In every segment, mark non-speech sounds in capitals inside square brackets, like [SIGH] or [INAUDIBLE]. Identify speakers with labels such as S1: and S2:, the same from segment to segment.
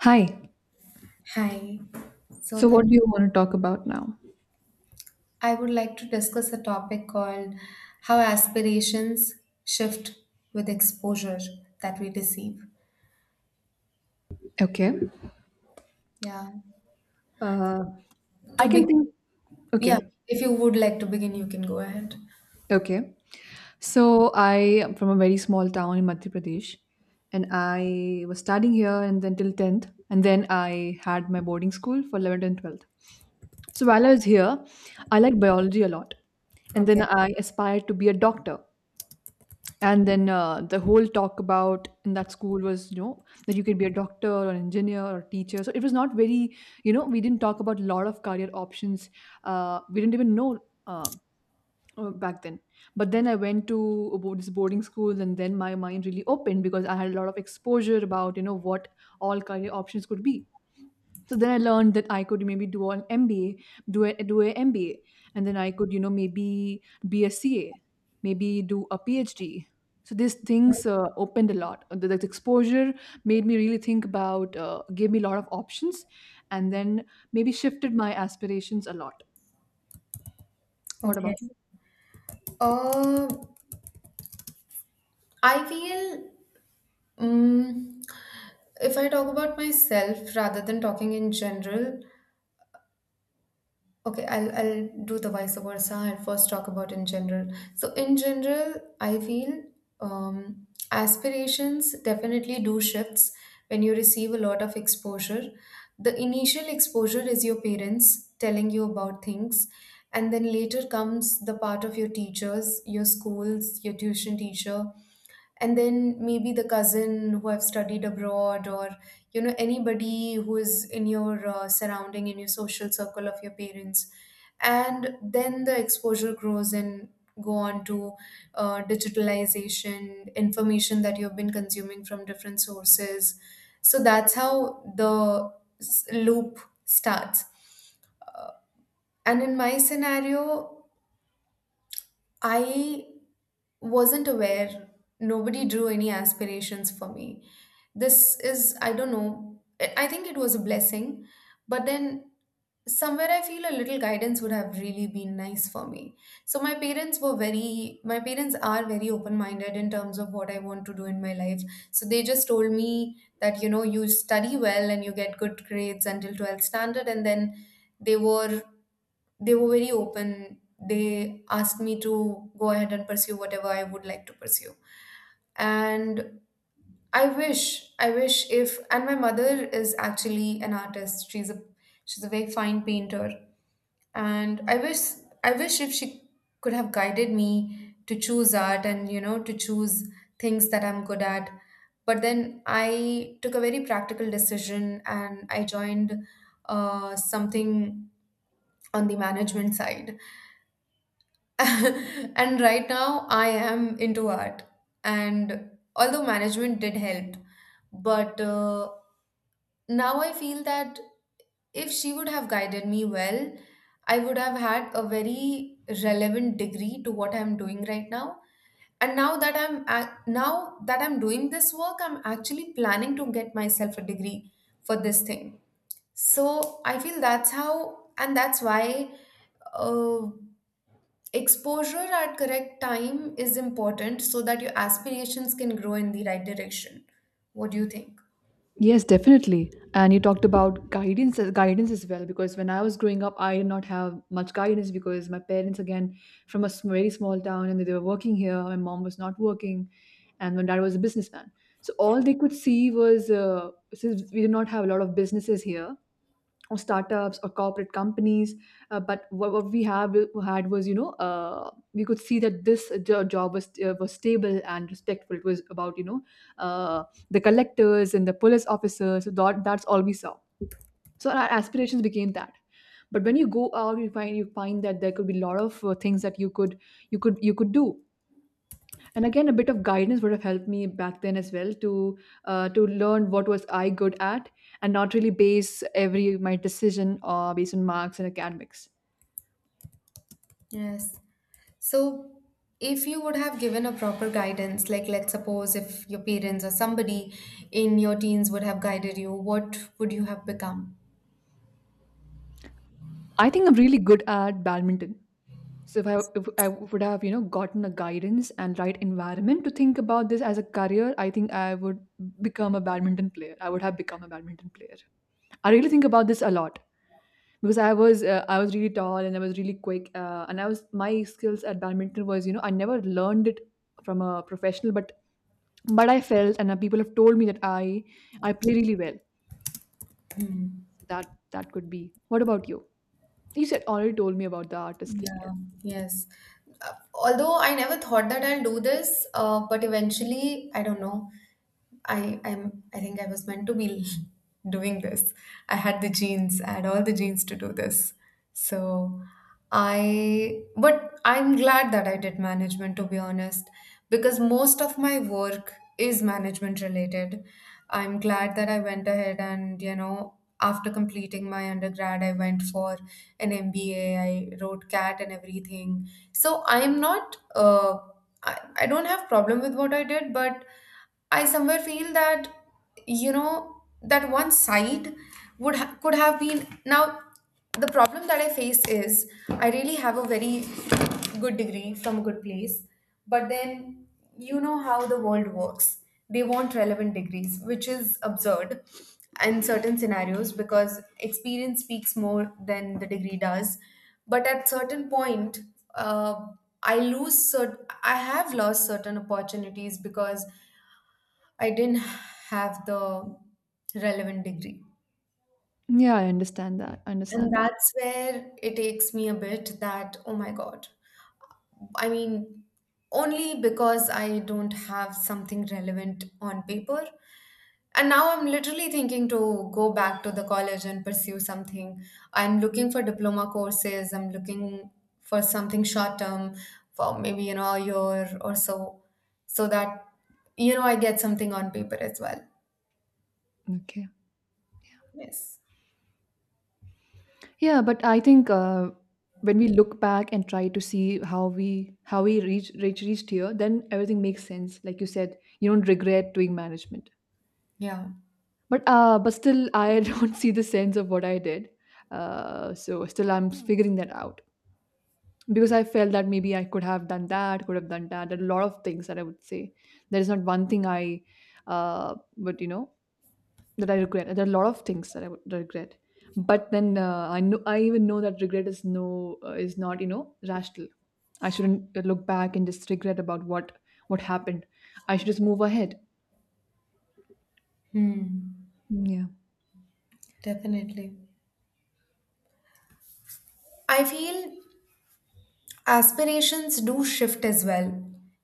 S1: Hi.
S2: Hi. So
S1: So,
S2: that
S1: what do you want to talk about now?
S2: I would like to discuss a topic called how aspirations shift with exposure that we receive.
S1: Okay.
S2: Yeah.
S1: Uh, I
S2: To
S1: can
S2: be
S1: think. Okay.
S2: Yeah, if you would like to begin, you can go ahead.
S1: Okay. So, I am from a very small town in Madhya Pradesh, and I was studying here and then till 10th, and then I had my boarding school for 11th and 12th. So, while I was here, I liked biology a lot, and then
S2: Okay.
S1: I aspired to be a doctor. And then the whole talk about in that school was, you know, that you could be a doctor or engineer or teacher. So it was not very, we didn't talk about a lot of career options. We didn't even know uh, back then. But then I went to this boarding school, and then my mind really opened because I had a lot of exposure about, what all career options could be. So then I learned that I could maybe do an MBA, do a MBA, and then I could maybe be a CA, maybe do a PhD. So these things opened a lot. The exposure made me really think about, gave me a lot of options, and then maybe shifted my aspirations a lot. What
S2: Okay.
S1: about?
S2: Uh, I feel, um, if I talk about myself rather than talking in general, okay, I'll do the vice versa. I'll first talk about in general. So in general, I feel, aspirations definitely do shifts when you receive a lot of exposure. The initial exposure is your parents telling you about things, and then later comes the part of your teachers, your schools, your tuition teacher, and then maybe the cousin who have studied abroad, or anybody who is in your surrounding, in your social circle of your parents. And then the exposure grows and go on to digitalization information that you've been consuming from different sources. So that's how the loop starts. And in my scenario, I wasn't aware. Nobody drew any aspirations for me. This is, I don't know, I think it was a blessing. But then somewhere I feel a little guidance would have really been nice for me. So my parents are very open minded in terms of what I want to do in my life. So they just told me that, you study well and you get good grades until 12th standard. And then they were they were very open. They asked me to go ahead and pursue whatever I would like to pursue. And my mother is actually an artist. She's a very fine painter. And I wish if she could have guided me to choose art and to choose things that I'm good at. But then I took a very practical decision and I joined something on the management side. [LAUGHS] And right now I am into art. And although management did help, but now I feel that if she would have guided me well, I would have had a very relevant degree to what I'm doing right now. And now that I'm doing this work, I'm actually planning to get myself a degree for this thing. So I feel that's how, and that's why. Uh, Exposure at correct time is important so that your aspirations can grow in the right direction. What do you think?
S1: Yes, definitely. And you talked about guidance as well. Because when I was growing up, I did not have much guidance because my parents, again, from a very small town, and they were working here. My mom was not working, and my dad was a businessman. So all they could see was since we did not have a lot of businesses here, or startups or corporate companies, but what we have had was, you know, we could see that this job was stable and respectful. It was about, you know, uh, the collectors and the police officers, so that's all we saw. So our aspirations became that, but when you go out you find that there could be a lot of things that you could do. And again a bit of guidance would have helped me back then as well to, to learn what was I good at, and not really base every my decision, based on marks and academics.
S2: Yes. So, if you would have given a proper guidance, like, let's suppose, if your parents or somebody in your teens would have guided you, what would you have become?
S1: I think I'm really good at badminton, so if I would have, gotten a guidance and right environment to think about this as a career, I think I would become a badminton player. I would have become a badminton player. I really think about this a lot, because I was really tall and I was really quick, and I was my skills at badminton was, I never learned it from a professional, but I felt, and people have told me that I play really well.
S2: Hmm.
S1: That could be. What about you? You said already told me about the artist thing. Yeah,
S2: Yeah, yes. Although I never thought that I'll do this, but eventually, I don't know. I think I was meant to be [LAUGHS] doing this. I had the genes, I had all the genes to do this. So I But I'm glad that I did management, to be honest, because most of my work is management related. I'm glad that I went ahead, and after completing my undergrad, I went for an MBA. I wrote CAT and everything. So I'm not. I don't have problem with what I did, but I somewhere feel that, that one side could have been. Now the problem that I face is I really have a very good degree from a good place, but then you know how the world works. They want relevant degrees, which is absurd in certain scenarios because experience speaks more than the degree does. But at certain point, uh, I have lost certain opportunities because I didn't have the relevant degree.
S1: yeah, I understand that. I
S2: And
S1: understand that.
S2: that's where it takes me a bit that, oh my God. I mean, only because I don't have something relevant on paper. And now I'm literally thinking to go back to the college and pursue something. I'm looking for diploma courses, I'm looking for something short term for maybe, a year or so, so that, I get something on paper as well.
S1: Okay.
S2: Yes.
S1: Yeah, but I think when we look back and try to see how we reached here, then everything makes sense. Like you said, you don't regret doing management.
S2: Yeah.
S1: But still, I [LAUGHS] don't see the sense of what I did. So still, I'm figuring that out, because I felt that maybe I could have done that. There are a lot of things that I would say. There is not one thing I, would, that I regret. There are a lot of things that I would regret. But then I even know that regret is not, rational. I shouldn't look back and just regret about what happened. I should just move ahead.
S2: Hmm.
S1: Yeah.
S2: Definitely. I feel aspirations do shift as well.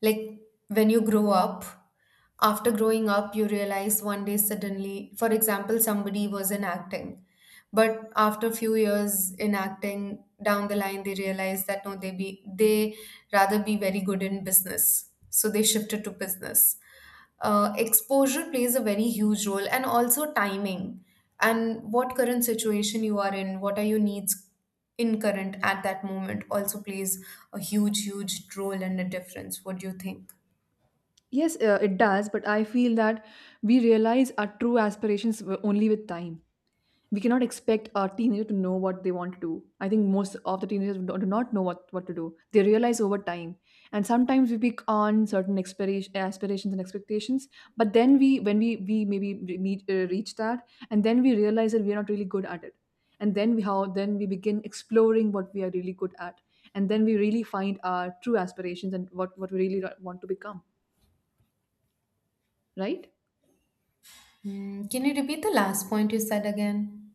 S2: Like, when you grow up, after growing up, you realize one day suddenly, for example, somebody was in acting, but after a few years in acting, down the line, they realize that no, they rather be very good in business, so they shifted to business. Exposure plays a very huge role, and also timing and what current situation you are in, what are your needs in current at that moment also plays a huge, huge role in the difference. What do you think?
S1: Yes, it does, but I feel that we realize our true aspirations only with time. We cannot expect a teenager to know what they want to do. I think most of the teenagers do not know what to do. They realize over time. And sometimes we pick on certain aspirations and expectations, but then when we reach that, and then we realize that we are not really good at it. And then then we begin exploring what we are really good at. And then we really find our true aspirations and what we really want to become, right?
S2: Can you repeat the last point you said again?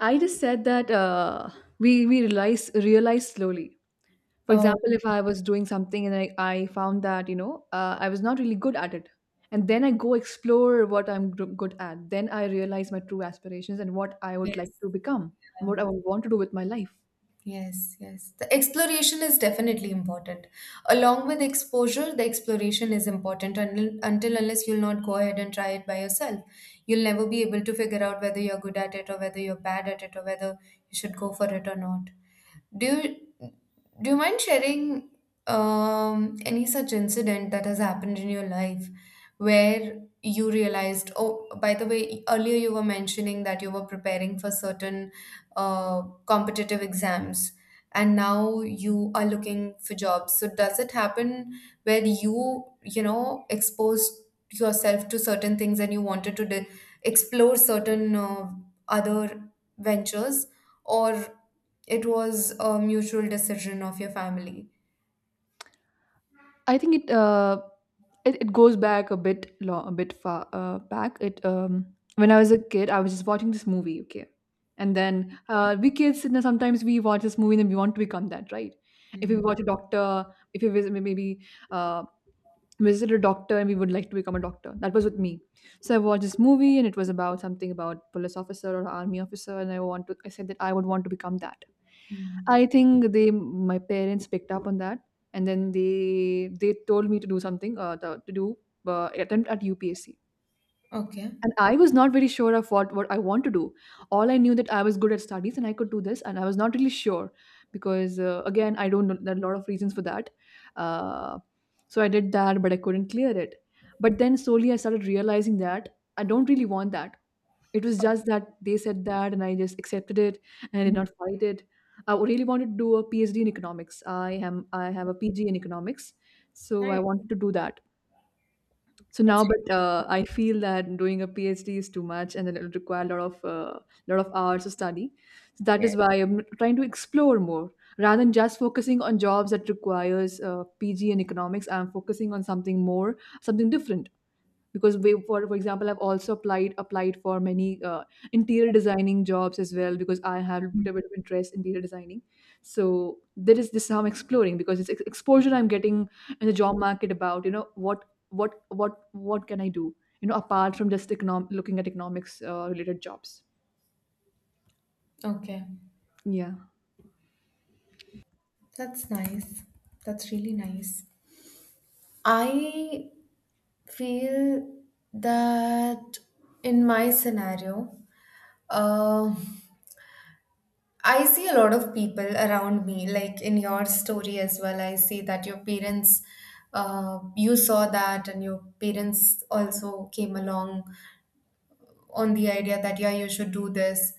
S1: I just said that, we realize slowly. For
S2: Oh,
S1: example, if I was doing something and I found that, I was not really good at it, and then I go explore what I'm good at, then I realize my true aspirations and what I would like
S2: yes.
S1: to become and what I
S2: Yeah.
S1: would want to do with my life.
S2: Yes, yes. The exploration is definitely important. Along with exposure, the exploration is important until, unless you'll not go ahead and try it by yourself. You'll never be able to figure out whether you're good at it or whether you're bad at it or whether you should go for it or not. Do you do you mind sharing any such incident that has happened in your life where you realized, oh, by the way, earlier you were mentioning that you were preparing for certain competitive exams and now you are looking for jobs. So does it happen where you, exposed yourself to certain things and you wanted to explore certain other ventures, or it was a mutual decision of your family?
S1: I think it goes back a bit long, a bit far back. It When I was a kid, I was just watching this movie, okay, and then we kids, you know, sometimes we watch this movie and then we want to become that, right? If we
S2: Mm.
S1: watch a doctor, if we uh, visit a doctor and we would like to become a doctor. That was with me. So I watched this movie and it was about something about police officer or army officer, and I want to I said that I would want to become that.
S2: Mm.
S1: I think they my parents picked up on that, and then they told me to do something, to do, attempt at UPSC. And I was not very sure of what I want to do. All I knew that I was good at studies and I could do this, and I was not really sure because, again I don't know. There are a lot of reasons for that. Uh, so I did that, but I couldn't clear it. But then slowly I started realizing that I don't really want that. It was just that they said that, and I just accepted it, and I did
S2: Mm.
S1: not fight it. I really wanted to do a PhD in economics. I have a PG in economics, so I
S2: Nice.
S1: wanted to do that. So now,
S2: That's
S1: but I feel that doing a PhD is too much, and then it will require a lot of hours of study. So that is
S2: right.
S1: why I'm trying to explore more rather than just focusing on jobs that requires, PG in economics. I'm focusing on something more, something different, because for example I've also applied for many, interior designing jobs as well, because I have a bit of interest in interior designing. So there is this is how I'm exploring, because it's, exposure I'm getting in the job market about, what can I do, you know, apart from just looking at economics, related jobs.
S2: Yeah. Okay.
S1: Yeah.
S2: That's nice. That's really nice. I feel that in my scenario, uh, I see a lot of people around me, like in your story as well. I see that your parents, you saw that, and your parents also came along on the idea that yeah, you should do this.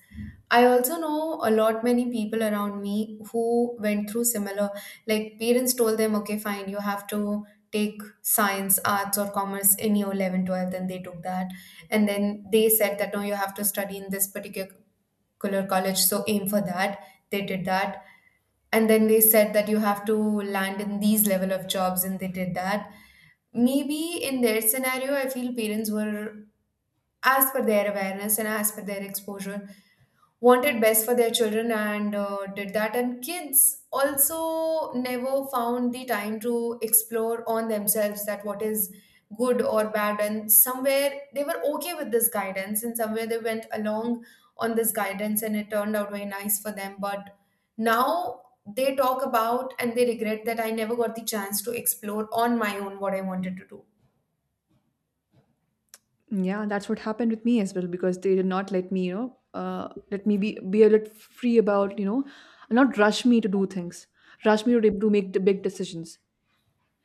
S2: I also know a lot many people around me who went through similar, like parents told them, okay, fine, you have to take science, arts or commerce in your 11, 12, 12. Then they took that. And then they said that no, you have to study in this particular college, so aim for that. They did that. And then they said that you have to land in these level of jobs, and they did that. Maybe in their scenario, I feel parents were, as per their awareness and as per their exposure, wanted best for their children, and did that. And kids also never found the time to explore on themselves that what is good or bad, and somewhere they were okay with this guidance and somewhere they went along on this guidance, and it turned out very nice for them. But now they talk about, and they regret that I never got the chance to explore on my own what I wanted to do.
S1: Yeah, that's what happened with me as well, because they did not let me, let me be a little free about, not rush me to do things, rush me to make the big decisions.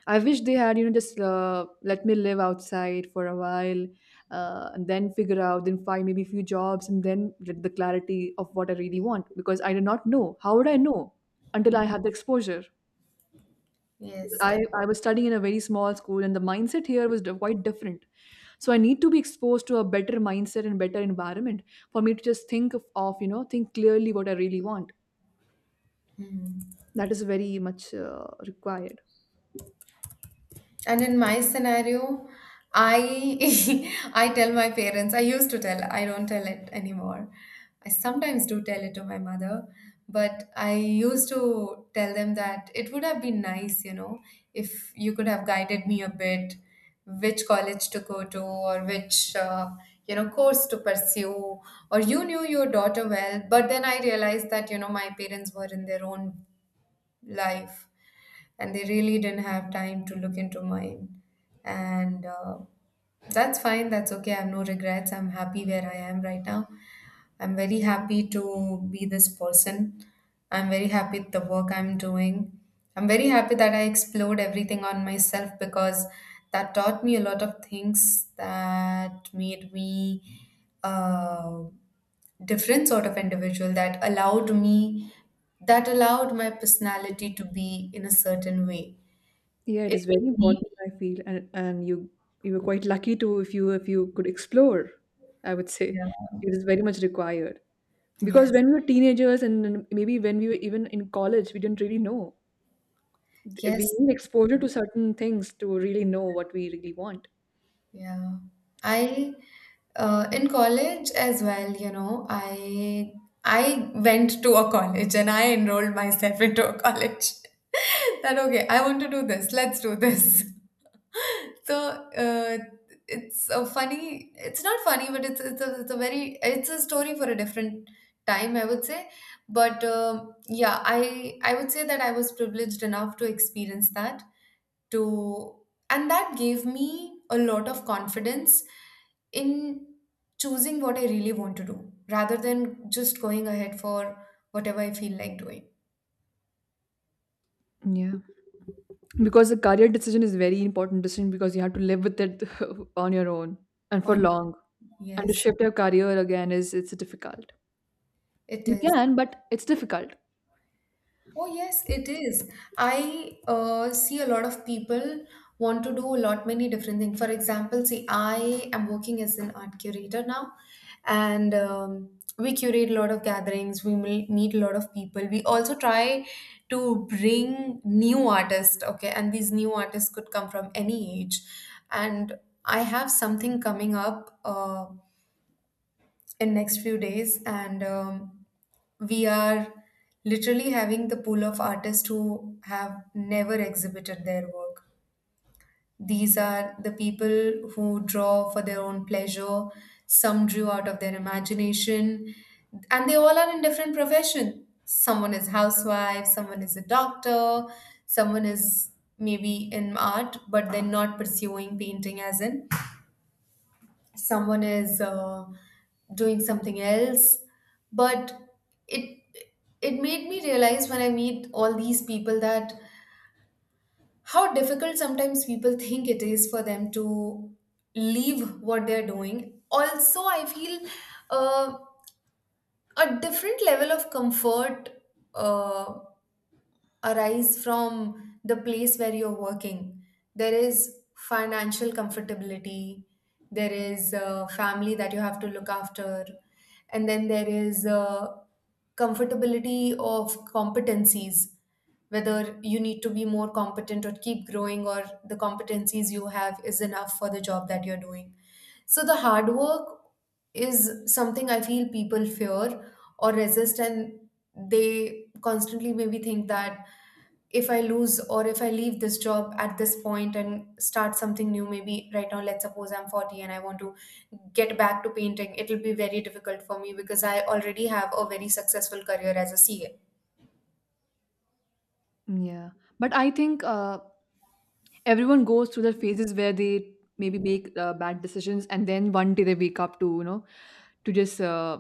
S1: I wish they had, just let me live outside for a while, and then figure out, then find maybe a few jobs, and then get the clarity of what I really want. Because I did not know. How would I know until I had the exposure?
S2: Yes.
S1: I was studying in a very small school, and the mindset here was quite different. So I need to be exposed to a better mindset and better environment for me to just think of, you know, think clearly what I really want.
S2: Definitely.
S1: That is very much, required.
S2: And in my scenario, I [LAUGHS] I tell my parents. I used to tell. I don't tell it anymore. I sometimes do tell it to my mother, but I used to tell them that it would have been nice, if you could have guided me a bit, which college to go to or which course to pursue, or you knew your daughter well. But then I realized that my parents were in their own life and they really didn't have time to look into mine. And that's fine, that's okay. I have no regrets. I'm happy where I am right now. I'm very happy to be this person. I'm very happy with the work I'm doing. I'm very happy that I explored everything on myself because that taught me a lot of things that made me a different sort of individual that allowed me, that allowed my personality to be in a certain way.
S1: Yeah, it
S2: It
S1: is very
S2: made me,
S1: important, I feel, and you, were quite lucky too, if you, could explore, I would say.
S2: yeah.
S1: It is very much required. Because
S2: Yes.
S1: when we were teenagers, and maybe when we were even in college, we didn't really know. We
S2: Yes.
S1: need exposure to certain things to really know what we really want.
S2: Yeah. I in college as well, I went to a college and I enrolled myself into a college. [LAUGHS] That okay, I want to do this. Let's do this. [LAUGHS] So uh, it's a funny. It's not funny, but it's a story for a different time, I would say. But yeah, I would say that I was privileged enough to experience that to and that gave me a lot of confidence in choosing what I really want to do rather than just going ahead for whatever I feel like doing.
S1: Yeah. Because the career decision is very important decision, because you have to live with it [LAUGHS] on your own, and for
S2: On
S1: long. And to
S2: Yes,
S1: shift your career again is it's difficult.
S2: it
S1: You
S2: is.
S1: can, but it's difficult.
S2: Oh, yes, it is. I see a lot of people want to do a lot many different things. For example, see, I am working as an art curator now, and we curate a lot of gatherings. We meet a lot of people. We also try to bring new artists, okay, and these new artists could come from any age. And I have something coming up. In next few days and we are literally having the pool of artists who have never exhibited their work. These are the people who draw for their own pleasure. Some drew out of their imagination, and they all are in different profession. Someone is housewife, someone is a doctor, someone is maybe in art but they're not pursuing painting as in, someone is doing something else. But it it made me realize, when I meet all these people, that how difficult sometimes people [LAUGHS] think it is for them to leave what they're doing. Also, I feel uh, a different level of comfort uh, arise from the place where you're working. There is financial comfortability, there is a family that you have to look after, and then there is a comfortability of competencies, whether you need to be more competent or keep growing, or the competencies you have is enough for the job that you're doing. So the hard work is something I feel people fear or resist, and they constantly maybe think that if I lose or if I leave this job at this point and start something new, maybe right now, let's suppose I'm 40 and I want to get back to painting, it'll be very difficult for me because I already have a very successful career as a CA.
S1: Yeah, but I think everyone goes through their phases where they maybe make, bad decisions, and then one day they wake up to, to just,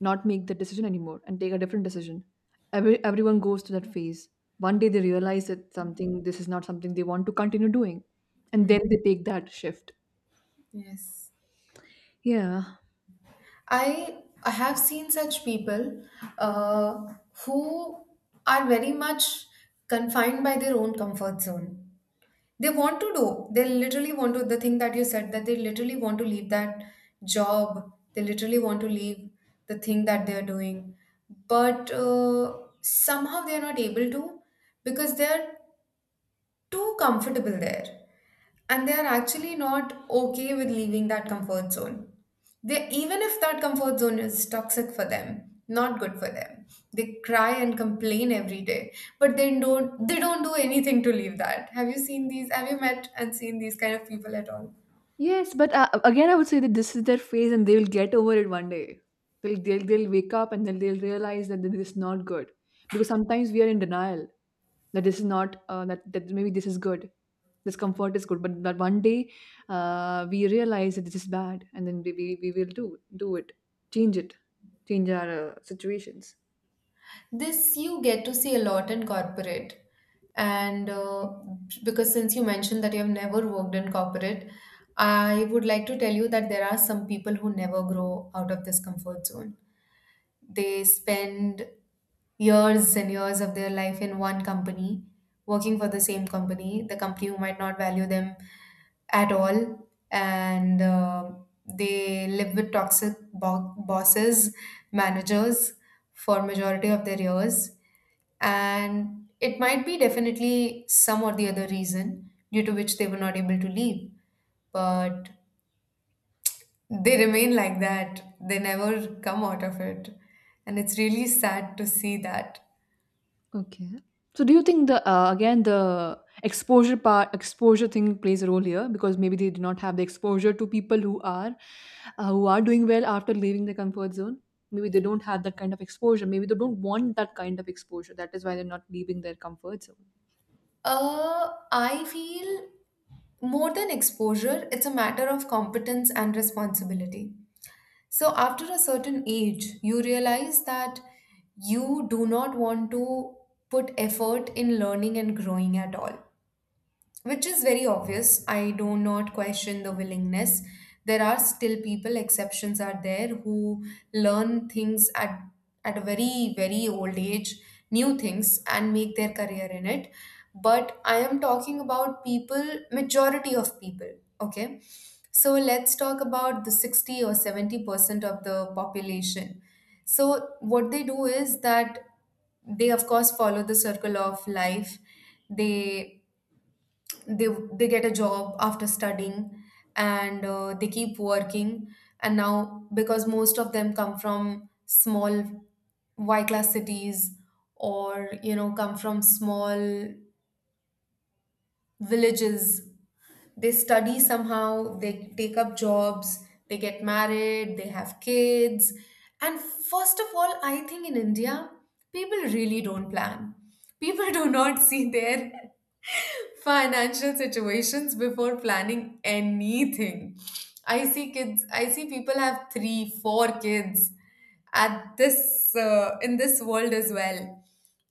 S1: not make the decision anymore and take a different decision. Everyone goes through that phase. One day they realize that something, this is not something they want to continue doing, and
S2: Mm.
S1: then they take that shift.
S2: Yes.
S1: Yeah.
S2: I have seen such people, uh, who are very much confined by their own comfort zone. They want to do, they literally want to, the thing that you said, that they literally want to leave that job, they literally want to leave the thing that they're doing. But somehow they're not able to because they're too comfortable there, and they are actually not okay with leaving that comfort zone. They, even if that comfort zone is toxic for them, not good for them. They cry and complain every day, but they don't do anything to leave that. Have you seen these? Have you met and seen these kind of people at all?
S1: Yes, but again I would say that this is their phase and they will get over it one day. They'll wake up, and then they'll realize that this is not good, because sometimes we are in denial that this is not, that maybe this is good, this comfort is good, but that one day, we realize that this is bad, and then we will do it, change it, change our, situations.
S2: This you get to see a lot in corporate. And because since you mentioned that you have never worked in corporate, I would like to tell you that there are some people who never grow out of this comfort zone. They spend years and years of their life in one company, working for the same company, the company who might not value them at all. And they live with toxic bosses, managers for majority of their years. And it might be definitely some or the other reason due to which they were not able to leave, but they remain like that. They never come out of it, and it's really sad to see that.
S1: Okay, so do you think the, again the exposure part, exposure thing plays a role here, because maybe they do not have the exposure to people who are, who are doing well after leaving the comfort zone? Maybe they don't have that kind of exposure, maybe they don't want that kind of exposure, that is why they're not leaving their comfort zone.
S2: I feel more than exposure it's a matter of competence and responsibility. So after a certain age you realize that you do not want to put effort in learning and growing at all, which is very obvious. I do not question the willingness. There are still people, exceptions are there, who learn things at a very, very old age, new things, and make their career in it. But I am talking about people, majority of people, okay? So let's talk about the 60 or 70% of the population. So, what they do is that they, of course, follow the circle of life. They they they get a job after studying, and they keep working. And now, because most of them come from small y class cities, or you know, come from small villages, they study somehow, they take up jobs, they get married, they have kids. And first of all, I think in India, people really don't plan. People [LAUGHS] do not see their financial situations before planning anything. I see kids, I see people have three, four kids at this in this world as well,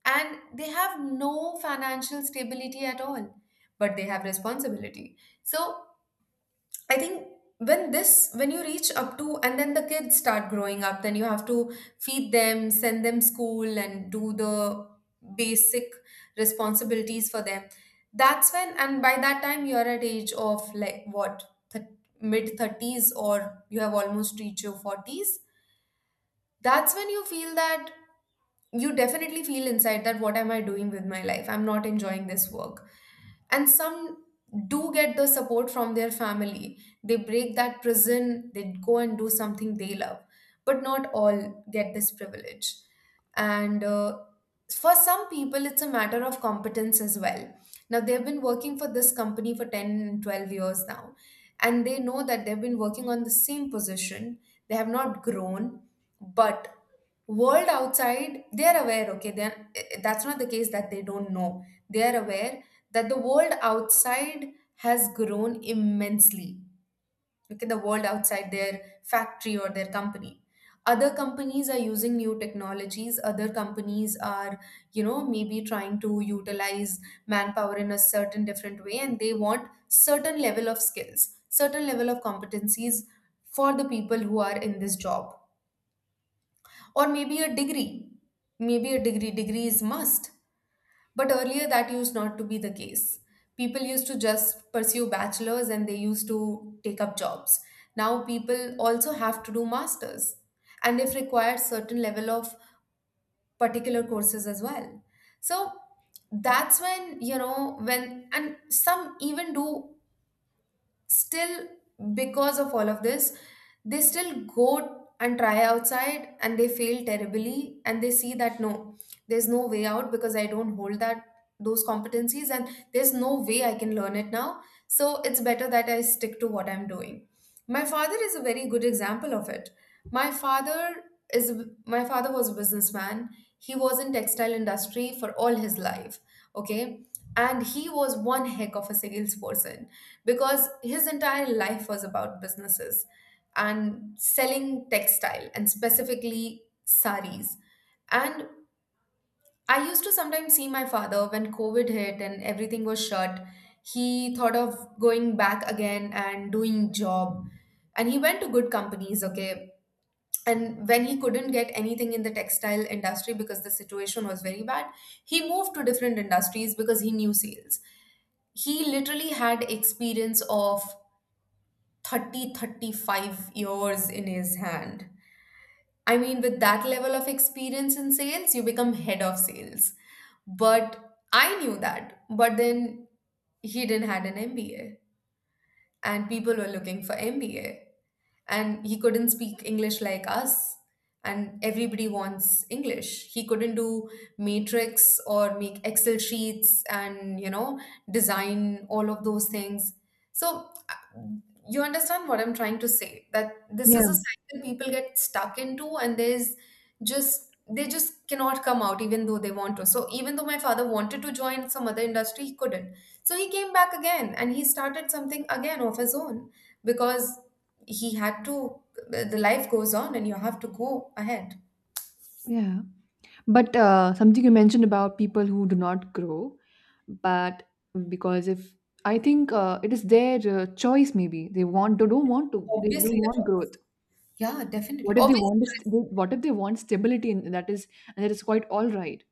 S2: and they have no financial stability at all, but they have responsibility. So I think when this, when you reach up to, and then the kids start growing up, then you have to feed them, send them school and do the basic responsibilities for them. That's when, and by that time you're at age of like what, th- mid 30s, or you have almost reached your 40s. That's when you feel that, you definitely feel inside that, what am I doing with my life? I'm not enjoying this work. And some do get the support from their family, they break that prison, they go and do something they love, but not all get this privilege. And for some people it's a matter of competence as well. Now they've been working for this company for 10, 12 years now, and they know that they've been working on the same position, they have not grown. But world outside, they are aware, okay, they then that's not the case that they don't know, they are aware that the world outside has grown immensely. Okay, the world outside their factory or their company. Other companies are using new technologies. Other companies are, you know, maybe trying to utilize manpower in a certain different way, and they want certain level of skills, certain level of competencies for the people who are in this job. Or maybe a degree. Maybe a degree. Degree is must, but earlier that used not to be the case. People used to just pursue bachelors and they used to take up jobs. Now people also have to do masters, and they've required certain level of particular courses as well. So that's when, you know, when and some even do still, because of all of this, they still go and try outside and they fail terribly, and they see that no, there's no way out because I don't hold that, those competencies, and there's no way I can learn it now. So it's better that I stick to what I'm doing. My father is a very good example of it. my father is my father was a businessman. He was in textile industry for all his life, okay. And he was one heck of a salesperson because his entire life was about businesses, and selling textile, and specifically saris. And I used to sometimes see my father when COVID hit and everything was shut. He thought of going back again and doing job. And he went to good companies, okay. And when he couldn't get anything in the textile industry because the situation was very bad, he moved to different industries because he knew sales. He literally had experience of 30 35 years in his hand. I mean, with that level of experience in sales you become head of sales, but I knew that. But then he didn't had an MBA, and people were looking for MBA. And he couldn't speak English like us, and everybody wants English. He couldn't do matrix or make Excel sheets and, you know, design all of those things. So you understand what I'm trying to say, that this is
S1: Yeah.
S2: a cycle people get stuck into, and there's just, they just cannot come out even though they want to. So even though my father wanted to join some other industry, he couldn't. So he came back again and he started something again of his own, because he had to, the life goes on and you have to go ahead.
S1: Yeah. But something you mentioned about people who do not grow, but because if I think, it is their, choice, maybe they
S2: Obviously,
S1: don't
S2: a
S1: want
S2: choice.
S1: growth.
S2: Yeah, definitely.
S1: What if they
S2: Obviously,
S1: want this,
S2: I
S1: what if they want stability, and that is, and that is quite all right.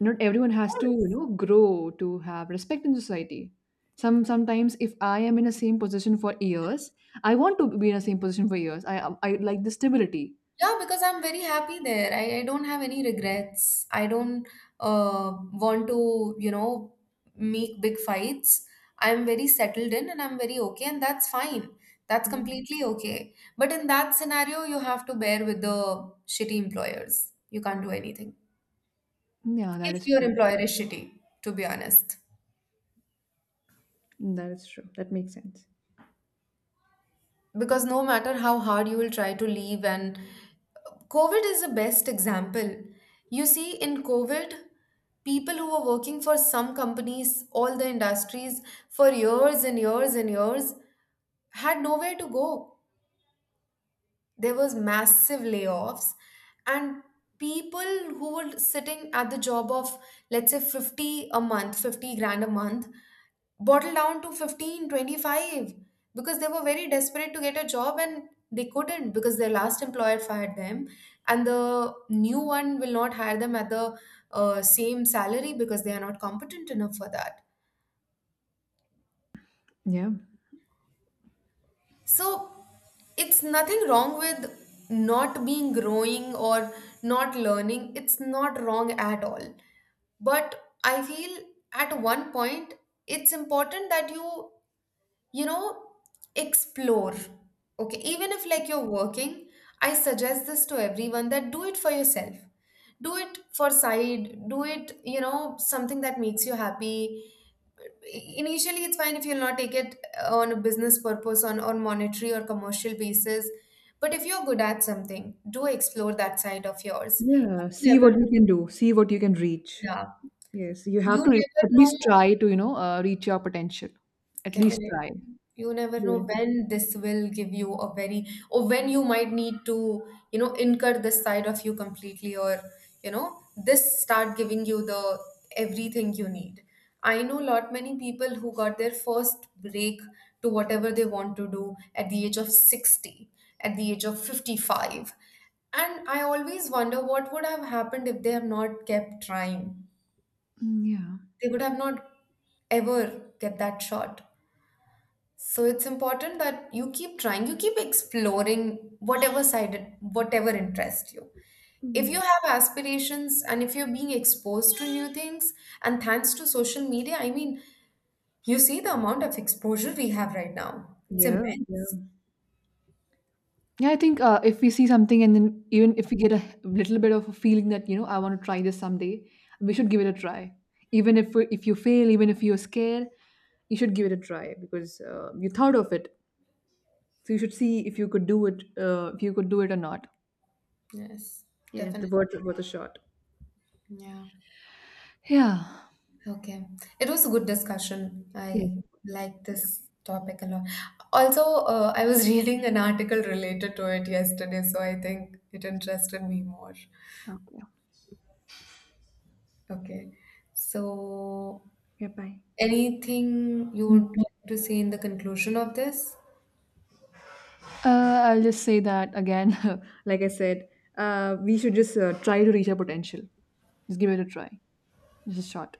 S1: Not everyone has to, you
S2: was.
S1: know, grow to have respect in society. Sometimes if I am in the same position for years, I want to be in the same position for years. I like the stability.
S2: Yeah, because I'm very happy there. I don't have any regrets. I don't want to, you know, make big fights. I'm very settled in and I'm very okay, and that's fine. That's
S1: Mm.
S2: completely okay. But in that scenario, you have to bear with the shitty employers. You can't do anything
S1: Yeah, that
S2: if
S1: is
S2: your
S1: true.
S2: employer is shitty, to be honest.
S1: That is true. That makes sense.
S2: Because no matter how hard you will try to leave, and COVID is the best example. You see, in COVID, people who were working for some companies, all the industries, for years and years and years, had nowhere to go. There was massive layoffs, and people who were sitting at the job of let's say 50 a month, 50 grand a month, bottle down to 15, 25 because they were very desperate to get a job, and they couldn't because their last employer fired them and the new one will not hire them at the same salary because they are not competent enough for that.
S1: Yeah.
S2: So it's nothing wrong with not being growing or not learning, it's not wrong at all. But I feel at one point it's important that you know, explore. Okay, even if like you're working, I suggest this to everyone, that do it for yourself, do it for side, do it, you know, something that makes you happy. Initially, it's fine if you'll not take it on a business purpose, on monetary or commercial basis. But if you're good at something, do explore that side of yours.
S1: Yeah,
S2: You
S1: see
S2: never
S1: what you can do, see what you can reach.
S2: Yeah,
S1: Yes, you
S2: you
S1: have to
S2: never
S1: at
S2: know.
S1: least try to reach your potential. At least
S2: Definitely.
S1: try.
S2: You never know
S1: Yeah.
S2: when this will give you a very, or when you might need to, you know, incur this side of you completely, or, you know, this start giving you the everything you need. I know lot many people who got their first break to whatever they want to do at the age of 60, at the age of 55. And I always wonder what would have happened if they have not kept trying.
S1: Mm, yeah.
S2: They would have not ever get that shot. So it's important that you keep trying, you keep exploring whatever side, whatever interests you. If
S1: Mm.
S2: you have aspirations and if you're being exposed to new things, and thanks to social media, I mean, you see the amount of exposure we have right now. It's
S1: Yeah, yeah.
S2: immense.
S1: Yeah, I think if we see something and then even if we get a little bit of a feeling that, you know, I want to try this someday, we should give it a try. Even if you fail, even if you're scared, you should give it a try because, you thought of it. So you should see if you could do it, if you could do it or not.
S2: Yes,
S1: Yeah,
S2: definitely.
S1: the worth a shot.
S2: Yeah.
S1: Yeah.
S2: Okay. It was a good discussion.
S1: Yes,
S2: I
S1: it was.
S2: like
S1: Yeah.
S2: this topic a lot. Also, I was [LAUGHS] reading an article related to it yesterday, so I think it interested me more.
S1: Okay.
S2: Okay. So,
S1: Yeah, bye.
S2: anything you
S1: Mm.
S2: would like to say in the conclusion of this?
S1: I'll just say that again. [LAUGHS] Like I said, we should just, try to reach our potential. Just give it a try. Just a shot.